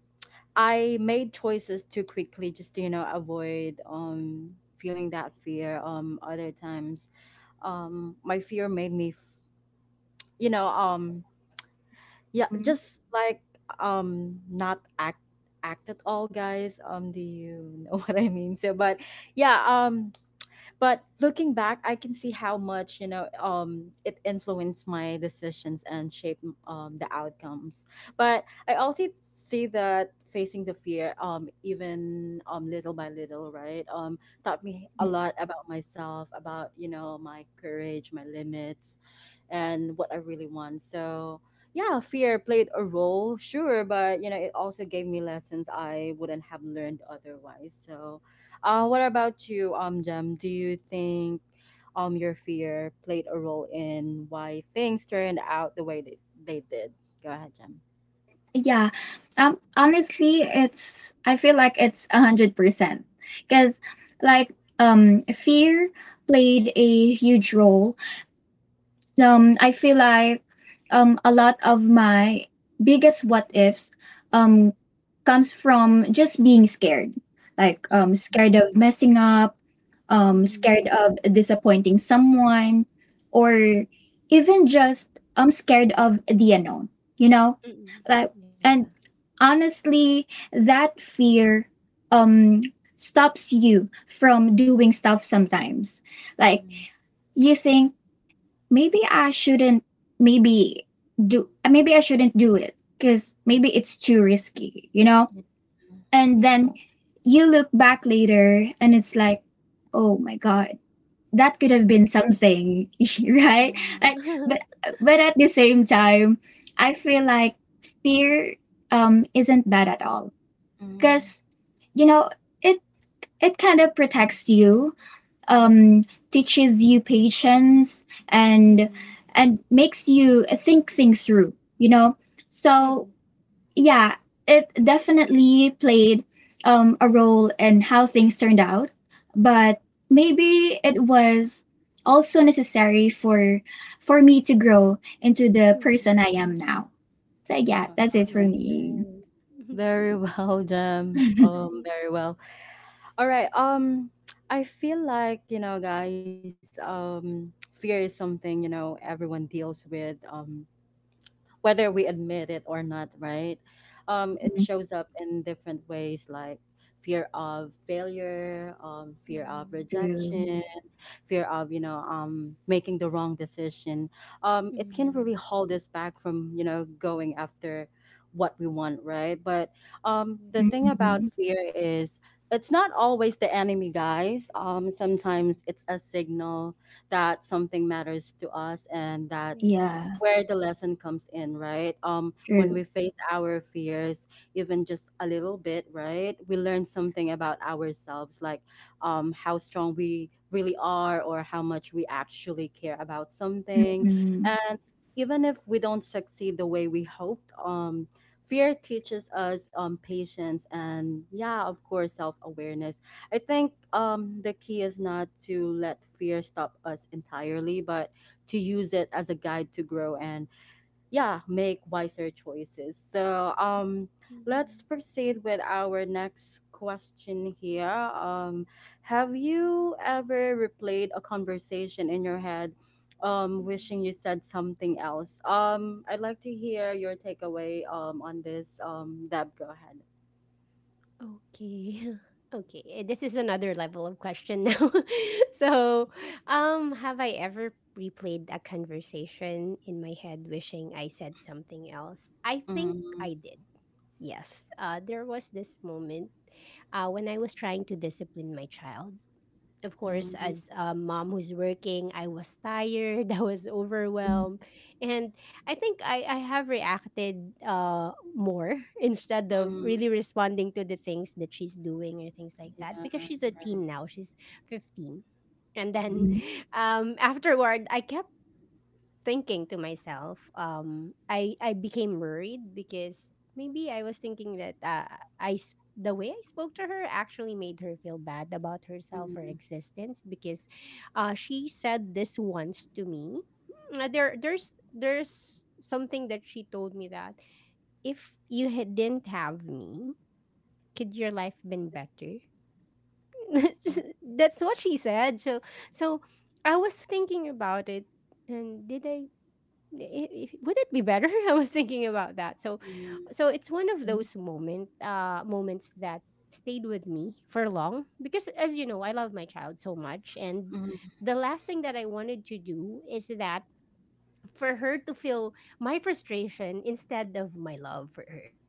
A: I made choices too quickly just to, you know, avoid um feeling that fear. Um other times, Um my fear made me f- you know, um yeah,
C: Mm-hmm.
A: just like um not act act at all, guys. Um, do you know what I mean? So, but yeah, um, but looking back, I can see how much, you know, um, it influenced my decisions and shaped um, the outcomes. But I also see that facing the fear, um, even um, little by little, right, um, taught me a lot about myself, about, you know, my courage, my limits, and what I really want. So, yeah, fear played a role, sure, but you know, it also gave me lessons I wouldn't have learned otherwise. So, uh, what about you, um, Jem? Do you think um your fear played a role in why things turned out the way they, they did? Go ahead, Jem.
C: Yeah. Um, honestly, it's, I feel like it's one hundred percent. Because, like, um, fear played a huge role. um I feel like um a lot of my biggest what
B: mm
C: ifs um comes from just being scared. Like
A: Mm-hmm.
C: um scared of messing up, um scared of disappointing someone, or even just I'm scared of the unknown, you know?
B: Mm-hmm. Mm-hmm.
C: Like
B: Yeah.
C: and honestly, that fear um stops you from doing stuff sometimes. Like you think, maybe I shouldn't maybe do maybe I shouldn't do it, because maybe it's too risky, you know?
A: Yeah.
C: And
B: Mm-hmm.
C: then you look back later and it's like, oh my god, that could
B: Mm-hmm.
C: have been something, right? Like
B: Yeah.
C: but but at the same time, I feel like fear um isn't bad at all.
A: Mm-hmm.
C: Cause you know, it it kind of protects you, um, teaches you patience, and
B: Mm-hmm.
C: and makes you think things through, you know so yeah, it definitely played um, a role in how things turned out, but maybe it was also necessary for for me to grow into the
B: Mm-hmm.
C: person I am now. So yeah,
A: Wow.
C: that's it for
B: Yeah,
C: me.
B: true. Mhm.
A: Very well, Jem. Um,
B: Mhm.
A: very well. All right. Um, I feel like, you know, guys, um, fear is something, you know, everyone deals with. Um, whether we admit it or not, right? Um, it
C: Mhm.
A: shows up in different ways, like fear of failure, um, fear of
C: True.
A: rejection, fear of you know um, making the wrong decision. Um, it can really
B: Mhm.
A: hold us back from you know going after what we want, right? But um, the
B: Mhm.
A: thing about
C: Mhm.
A: fear is it's not always the enemy, guys. Um, sometimes it's a signal that something matters to us, and that's
B: Yes.
C: Yeah,
A: where the lesson comes in, right? Um, when
C: true.
A: we face our fears, even just a little bit, right, we learn something about ourselves, like um, how strong we really are or how much we actually care about something.
C: Mhm.
A: And even if we don't succeed the way we hoped, um, fear teaches us um, patience and, yeah, of course, self awareness. I think um, the key is not to let fear stop us entirely, but to use it as a guide to grow and, yeah, make wiser choices. So, um, let's
B: Mhm.
A: proceed with our next question here. Um, have you ever replayed a conversation in your head, um,
B: Mhm.
A: wishing you said something else? Um, I'd like to hear your takeaway, um, on this. Um, Deb, go ahead.
B: Okay. Okay. eh, This is another level of question now. so, um, have I ever replayed a conversation in my head, wishing I said something else? I think
A: Mm,
B: I did. Yes. Uh, there was this moment uh, when I was trying to discipline my child. Of course,
A: mm,
B: as a mom who's working, I was tired, I was overwhelmed. And I think I, I have reacted uh, more instead of
A: mm,
B: really responding to the things that she's doing or things like that,
A: yeah,
B: because she's a
A: right.
B: teen now, she's fifteen. And
A: Mm,
B: then um, afterward, I kept thinking to myself, um, I I became worried, because maybe I was thinking that uh, I s- the way I spoke to her actually made her feel bad about herself or
A: mm,
B: existence, because uh, she said this once to me. Uh, There there's there's something that she told me: that if you had, didn't have me, could your life been better?
A: mm,
B: That's what she said. So so I was thinking about it, and did I i- I would it be better? I was thinking about that. So,
A: mm,
B: so it's one of those moment uh, moments that stayed with me for long, because, as you know, I love my child so much, and
A: mm,
B: the last thing that I wanted to do is that for her to feel my frustration instead of my love for her.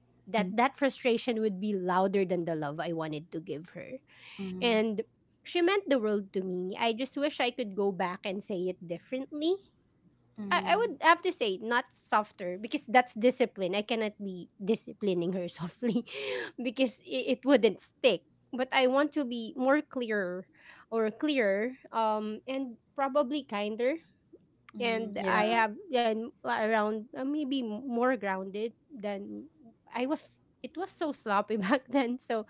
B: That that
C: Mhm.
B: frustration would be louder than the love I wanted to give her,
A: mm,
B: and she meant the world to me. I just wish I could go back and say it differently. I, I
A: mm,
B: would have to say not softer, because that's discipline. I cannot be disciplining her softly, because it, it wouldn't stick. But I want to be more clearer or clearer, um and probably kinder,
A: mm,
B: and I
A: yeah.
B: have then around, uh, maybe more grounded than I was. It was so sloppy back then, so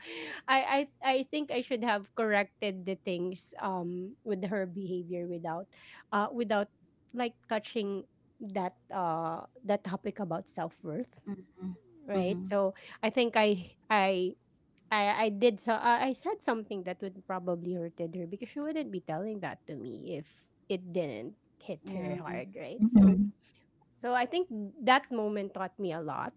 B: I I I think I should have corrected the things um with her behavior without uh without like touching that uh that topic about self worth, right?
A: Mm-hmm.
B: So I think I I I I did, so I I said something that would probably hurted her, because she wouldn't be telling that to me if it didn't hit
A: Yeah,
B: her hard, right? So
C: Mhm.
B: so I think that moment taught me a lot.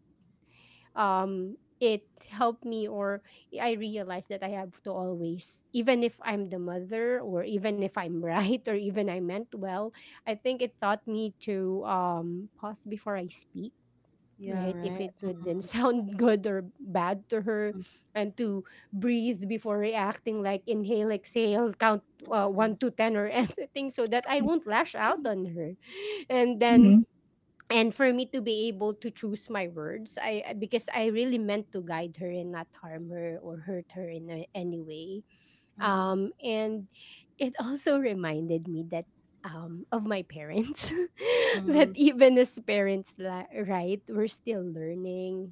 B: Um it helped me, or I realized that I have to always, even if I'm the mother or even if I'm right or even I meant well, I think it taught me to um pause before I speak,
A: yeah,
B: right? If
A: right.
B: it wouldn't sound good or bad to her,
A: Mhm,
B: and to breathe before reacting, like inhale, exhale, count uh,
A: mhm,
B: one to ten or anything, so that I won't lash out on her. And
C: Mhm.
B: then, and for me to be able to choose my words, I because I really meant to guide her and not harm her or hurt her in a- any way.
A: mhm. Mhm,
B: Um, and it also reminded me that um, of my parents,
A: mhm.
B: that even as parents, li- right, we're still learning,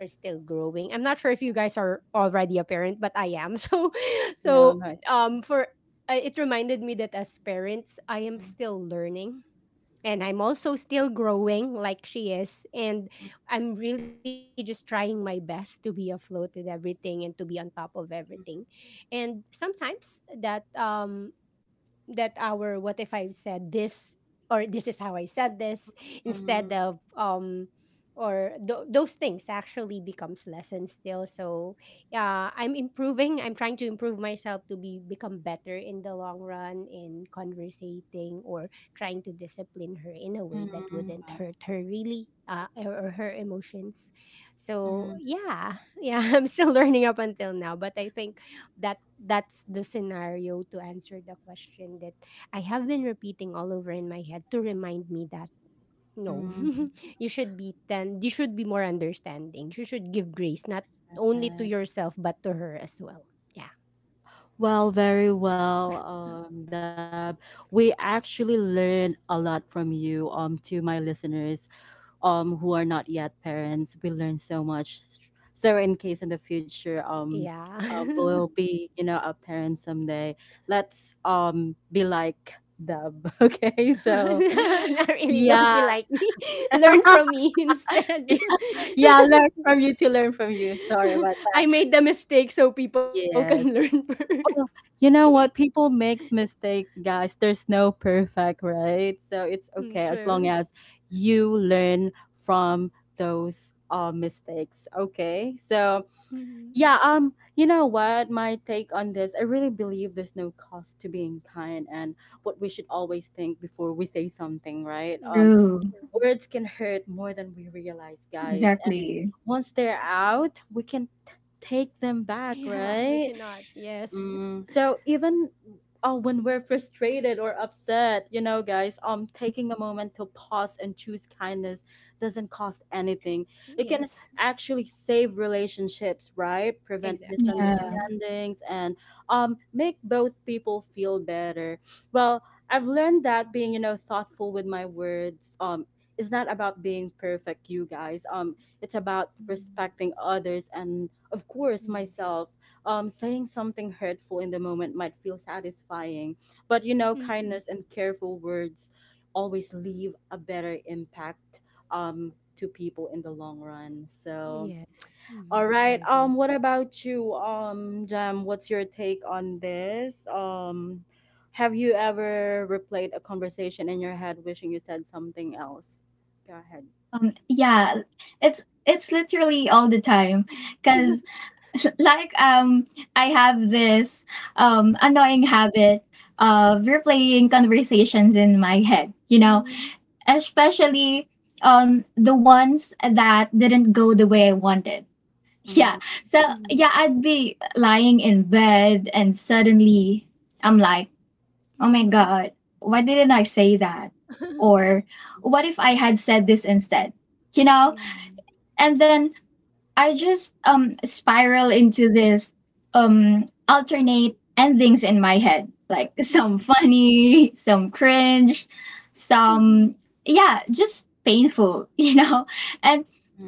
B: we're still growing. I'm not sure if you guys are already a parent, but I am. So,
A: No,
B: so
A: not
B: um, for uh, it reminded me that as parents, I am
A: mhm,
B: still learning and I'm also still growing like she is. And I'm really just trying my best to be afloat with everything and to be on top of everything. And sometimes that um that our what if I said this or this is how I said this instead
A: mhm,
B: of um or th- those things actually becomes lessons still. So yeah, I'm improving, I'm trying to improve myself to be become better in the long run in conversating or trying to discipline her in a way that
A: mhm,
B: wouldn't
A: wow,
B: hurt her, really, uh, or or her emotions. So
A: mhm,
B: yeah, yeah, I'm still learning up until now. But I think that that's the scenario to answer the question that I have been repeating all over in my head to remind me that no,
A: mhm.
B: you should be ten, you should be more understanding. You should give grace not
A: That's
B: only to
A: right.
B: yourself but to her as well. Yeah.
A: Well, very well, um, Deb. We actually learned a lot from you. Um, to my listeners um who are not yet parents, we learn so much. So in case in the future, um
B: Yeah.
A: um, we'll be, you know a parent someday, let's um be like Dub. Okay, so
B: Not really. Don't be
A: yeah,
B: like me. Learn from me instead.
A: yeah, learn from you to learn from you. Sorry about
B: I
A: that.
B: made the mistake so people can learn
A: Yes.
B: first.
A: Oh, you know what? People makes mistakes, guys. There's no perfect, right? So
B: Mm,
A: it's okay
B: true.
A: as long as you learn from those uh, mistakes. Okay. So
B: Mhm,
A: yeah, um, you know what? My take on this, I really believe there's no cost to being kind and what we should always think before we say something, right? Um,
B: mhm,
C: True.
A: words can hurt more than we realize, guys. And
C: Exactly.
A: once they're out, we can t- take them back,
B: yeah, we
A: right?
B: cannot. Yes.
A: Mm, so even uh, when we're frustrated or upset, you know, guys, um, taking a moment to pause and choose kindness doesn't cost anything. It can
B: Yes,
A: actually save relationships, right? Prevent
B: exactly. Mhm,
C: Yeah.
A: misunderstandings, and um, make both people feel better. Well, I've learned that being, you know, thoughtful with my words, um, is not about being perfect, you guys. Um, it's about
B: mm,
A: respecting others and, of course,
B: yes.
A: myself. Um, saying something hurtful in the moment might feel satisfying, but you know,
B: Mhm,
A: kindness and careful words always leave a better impact um, to people in the long run. So,
B: yes. Mhm,
A: all
B: I
A: right,
B: agree.
A: Um, what about you, um, Jam? What's your take on this? Um, have you ever replayed a conversation in your head, wishing you said something else? Go ahead.
C: Um, yeah, it's it's literally all the time,
B: Mhm.
C: because like um I have this um annoying habit of replaying conversations in my head, you know,
B: Mhm,
C: especially um the ones that didn't go the way I wanted. Yeah. So
B: mhm,
C: yeah, I'd be lying in bed and suddenly I'm like, oh my
B: mhm.
C: god, why didn't I say that? Or
A: Mm-hmm.
C: what if I had said this instead? You
B: Yeah.
C: know? And then I just um spiral into this um alternate endings in my head. Like some
B: Mhm,
C: funny, some cringe,
B: mhm,
C: some yeah, just painful, you know? And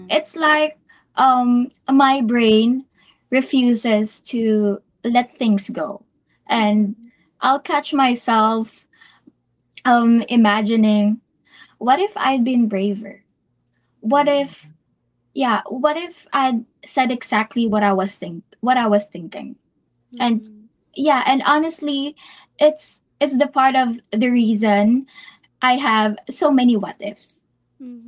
C: it's like um my brain refuses to let things go. And
B: mhm.
C: I'll catch myself um imagining, what if I'd been braver? What
A: Yeah.
B: Yeah.
C: if yeah, what if I'd said exactly what I was think what I was thinking? And
B: Mhm,
C: yeah, and honestly, it's it's the part of the reason I have so many what ifs.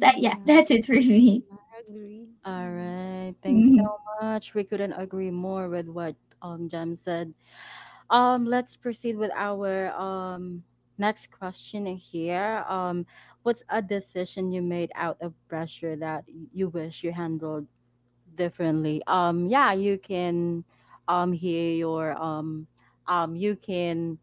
C: So yeah,
B: yeah.
C: that's it for me.
B: Yeah, I agree.
A: All
B: Mhm.
A: right. Thanks so much. We couldn't agree more with what um Jam said. Um, let's proceed with our um next question in here. Um, what's a decision you made out of pressure that y- you wish you handled differently? Um, yeah, you can um hear your um um you can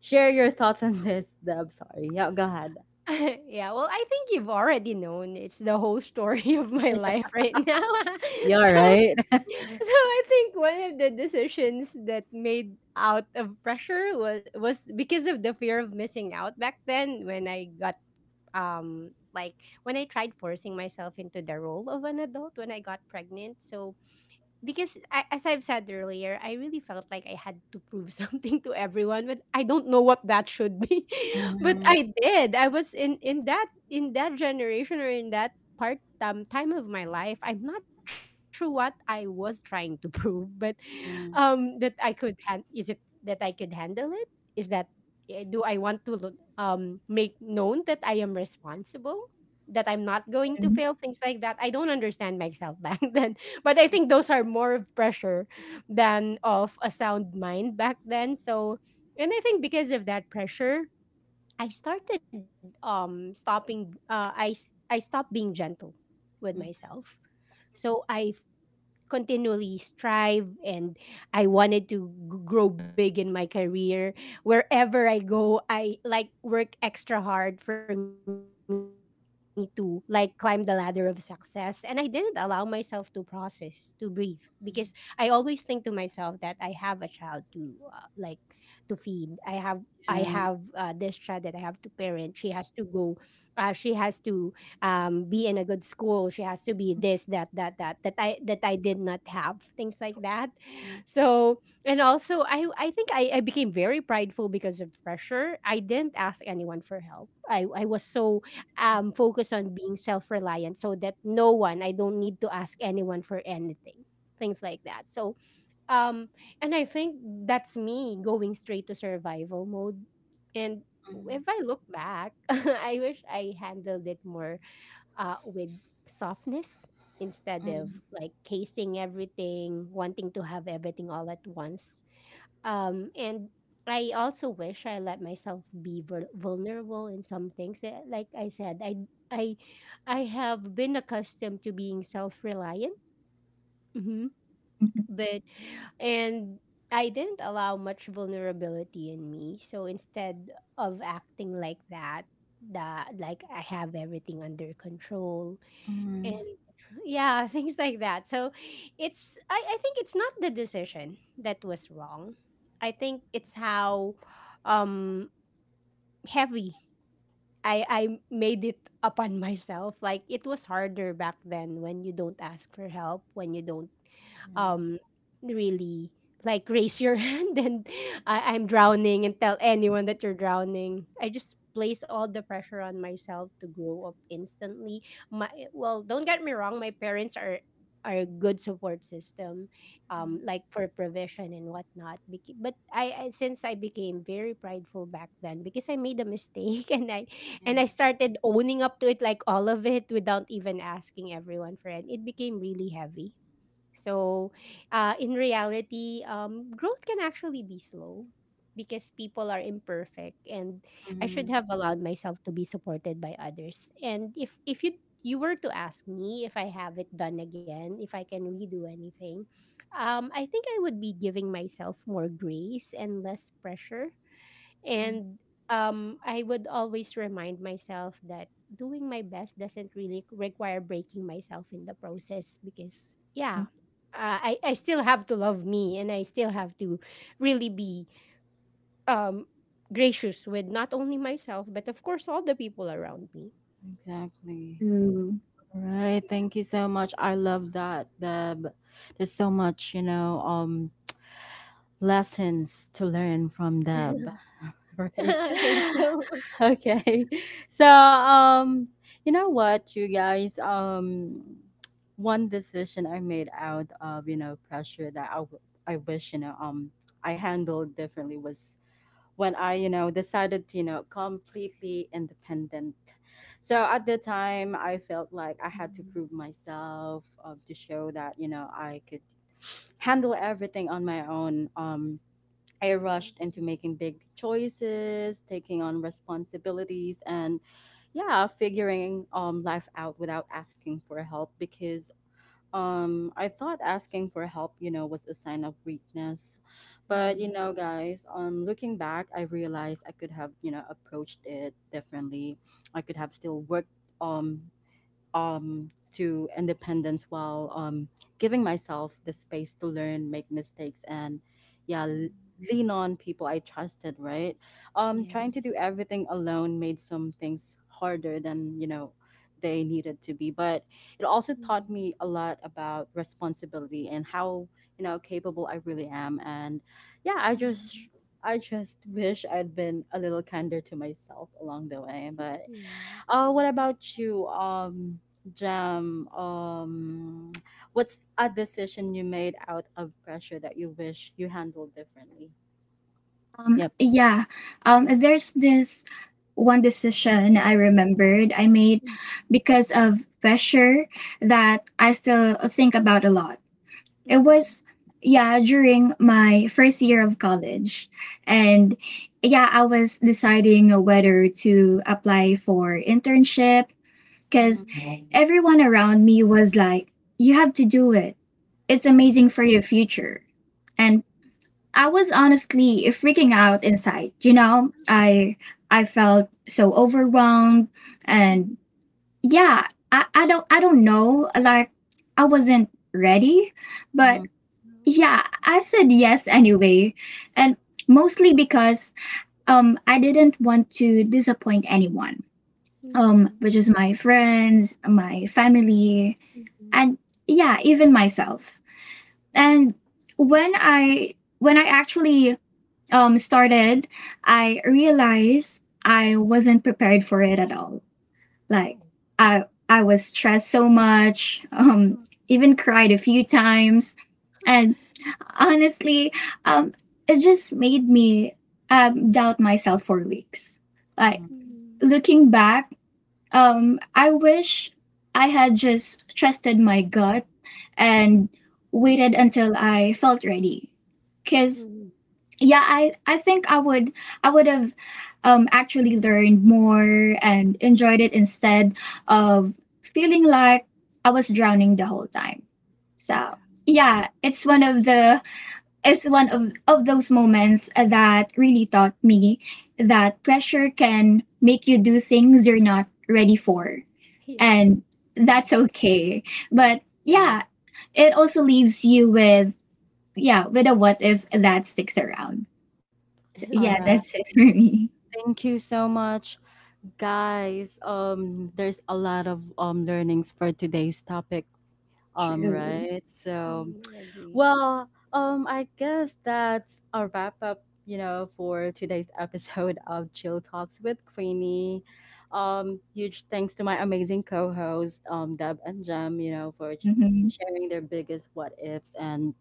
A: share your thoughts on this. I'm sorry. Yeah, go ahead.
B: yeah, well, I think you've already known it's the whole story of my life right now.
A: Yeah,
B: so,
A: right.
B: so I think one of the decisions that made out of pressure was was because of the fear of missing out back then, when I got um like when I tried forcing myself into the role of an adult when I got pregnant. So because I, as I've said earlier, I really felt like I had to prove something to everyone, but I don't know what that should be. but
A: Mhm,
B: I did. I was in in that in that generation, or in that part um, time of my life. I'm not sure what I was trying to prove, but um,
A: mhm,
B: that I could han- is it that I could handle it? Is that eh, do I want to lo- um make known that I am responsible? That I'm not going to fail, things like that. I don't understand myself back then, but I think those are more of pressure than of a sound mind back then. So, and I think because of that pressure, I started um stopping. Uh, I s- I stopped being gentle with
A: mhm.
B: myself. So I continually strive, and I wanted to g- grow big in my career. Wherever I go, I like work extra hard for me to like climb the ladder of success. And I didn't allow myself to process, to breathe, because I always think to myself that I have a child to uh, like to feed. I have I
A: Yeah.
B: have uh, this child that I have to parent. She has to go. Uh, she has to um, be in a good school. She has to be this, that, that, that, that I that I did not have, things like that.
A: Mhm,
B: So, and also I I think I, I became very prideful because of pressure. I didn't ask anyone for help. I, I was so um focused on being self reliant, so that no one I don't need to ask anyone for anything. Things like that. So um, and I think that's me going straight to survival mode. And if I look back, I wish I handled it more uh, with softness instead of
A: mhm,
B: like casing everything, wanting to have everything all at once. Um, and I also wish I let myself be vul- vulnerable in some things. Eh, Like I said, I I I have been accustomed to being self reliant, but and I didn't allow much vulnerability in me. So instead of acting like that, that like I have everything under control, and
A: mhm.
B: yeah, things like that. So it's I, I think it's not the decision that was wrong. I think it's how um heavy I I made it upon myself. Like it was harder back then when you don't ask for help, when you don't
A: Mhm.
B: um really like raise your hand and I, I'm drowning, and tell anyone that you're drowning. I just place all the pressure on myself to grow up instantly. My well, don't get me wrong, my parents are are a good support system, um, like for provision and whatnot. Bec- But I, I since I became very prideful back then because I made a mistake, and I
A: Yeah.
B: and I started owning up to it, like all of it, without even asking everyone for it. It became really heavy. So, uh, in reality, um, growth can actually be slow because people are imperfect, and I should
A: Mhm.
B: have allowed myself to be supported by others. And if if you you were to ask me if I have it done again, if I can redo anything, um, I think I would be giving myself more grace and less pressure,
A: Mm,
B: and um, I would always remind myself that doing my best doesn't really require breaking myself in the process, because, yeah, uh, I, I still have to love me, and I still have to really be um, gracious with not only myself, but of course, all the people around me.
A: exactly, right. Thank you so much. I love that, Deb. There's so much, you know, um, lessons to learn from Deb, right?
B: Thank you.
A: Okay. So, um, you know what, you guys, um, one decision I made out of, you know, pressure that I, w- I wish, you know, um, I handled differently was when I, you know, decided to, you know, completely independent. So at the time, I felt like I had to
B: Mhm.
A: prove myself um, to show that, you know, I could handle everything on my own. Um,
B: Oh.
A: I rushed into making big choices, taking on responsibilities, and yeah, figuring um, life out without asking for help, because um, I thought asking for help, you know, was a sign of weakness. But, you
B: Mhm.
A: know, guys, um, looking back, I realized I could have, you know, approached it differently. I could have still worked um um, to independence while um, giving myself the space to learn, make mistakes, and yeah, l-
B: Mhm.
A: lean on people I trusted. Right, um, trying to
B: Yes.
A: do everything alone made some things harder than you know they needed to be, but it also taught
B: Mhm.
A: me a lot about responsibility and how you know capable I really am. And yeah, I just
B: Mhm.
A: I just wish I'd been a little kinder to myself along the way. But
B: Yes.
A: uh, what about you, um, Jam? Um, what's a decision you made out of pressure that you wish you handled differently?
C: Um,
A: Yep.
C: yeah. Um, there's this one decision I remembered I made
B: Mm.
C: because of pressure that I still think about a lot. It
B: Mhm.
C: was, yeah, during my first year of college. And yeah, I was deciding whether to apply for internship, because
A: Mm,
B: Mhm.
C: everyone around me was like, you have to do it, it's
B: Mhm.
C: amazing for your future. And I was honestly freaking out inside. You know, I I felt so overwhelmed,
B: Mhm.
C: and yeah, I, I don't I don't know, like I wasn't ready, but
A: mm,
B: Mhm.
C: yeah, I said yes anyway. And mostly because um I didn't want to disappoint anyone, Um
B: Mhm.
C: which is my friends, my family,
B: Mhm.
C: and yeah, even myself. And when I when I actually um started, I realized I wasn't prepared for it at all. Like
B: Oh.
C: I I was stressed so much, um
B: Uh,
C: even cried a few times, and honestly, um it just made me um doubt myself for weeks. Like,
A: mm,
B: Mhm.
C: looking back, um I wish I had just trusted my gut
B: Mhm.
C: and waited until I felt ready. Cuz
B: Mhm.
C: yeah, i i think i would i would have um actually learned more and enjoyed it, instead of feeling like I was drowning the whole time. So
B: Yeah.
C: yeah, it's one of the it's one of of those moments that really taught me that pressure can make you do things you're not ready for,
B: Yes.
C: and
A: mm.
C: that's okay, but
A: Yeah.
C: yeah, it also leaves you with yeah with a what if that sticks around. So
A: All
C: yeah,
A: right.
C: that's it for me.
A: Thank you so much, guys. Um, there's a lot of um learnings for today's topic. Um,
C: True.
A: right. So
B: Mm, I agree.
A: Well, um, I guess that's a wrap up, you know, for today's episode of Chill Talks with Queenie. Um, huge thanks to my amazing co hosts, um, Deb and Jem, you know, for sh-
C: Mhm.
A: sharing their biggest what ifs and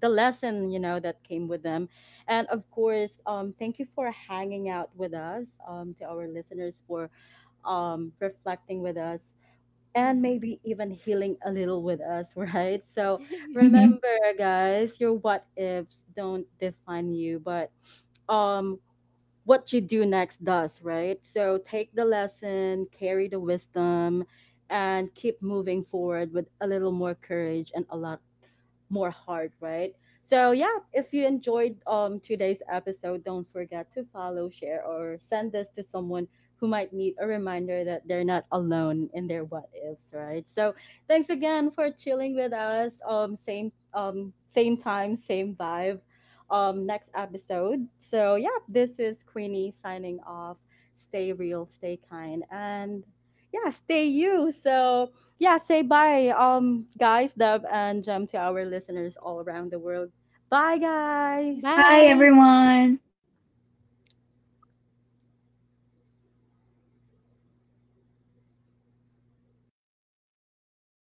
A: the lesson, you know, that came with them. And of course, um, thank you for hanging out with us, um, to our listeners, for um, reflecting with us and
B: Mhm.
A: maybe even healing a little with us, right? So
B: Yes.
C: Mhm.
A: remember, guys, your what ifs don't define you, but um, what you do next does, right? So take the lesson, carry the wisdom, and keep moving forward with a little more courage and a lot more hard, right? So yeah, if you enjoyed um today's episode, don't forget to follow, share, or send this to someone who might need a reminder that they're not alone in their what ifs, right? So thanks again for chilling with us. Um same um same time, same vibe. Um next episode. So yeah, this is Queenie signing off. Stay real, stay kind, and yeah, stay you. So yeah, say bye, um, guys, Dub and Jem, to our listeners all around the world. Bye, guys.
C: Bye,
B: Bye.
C: everyone.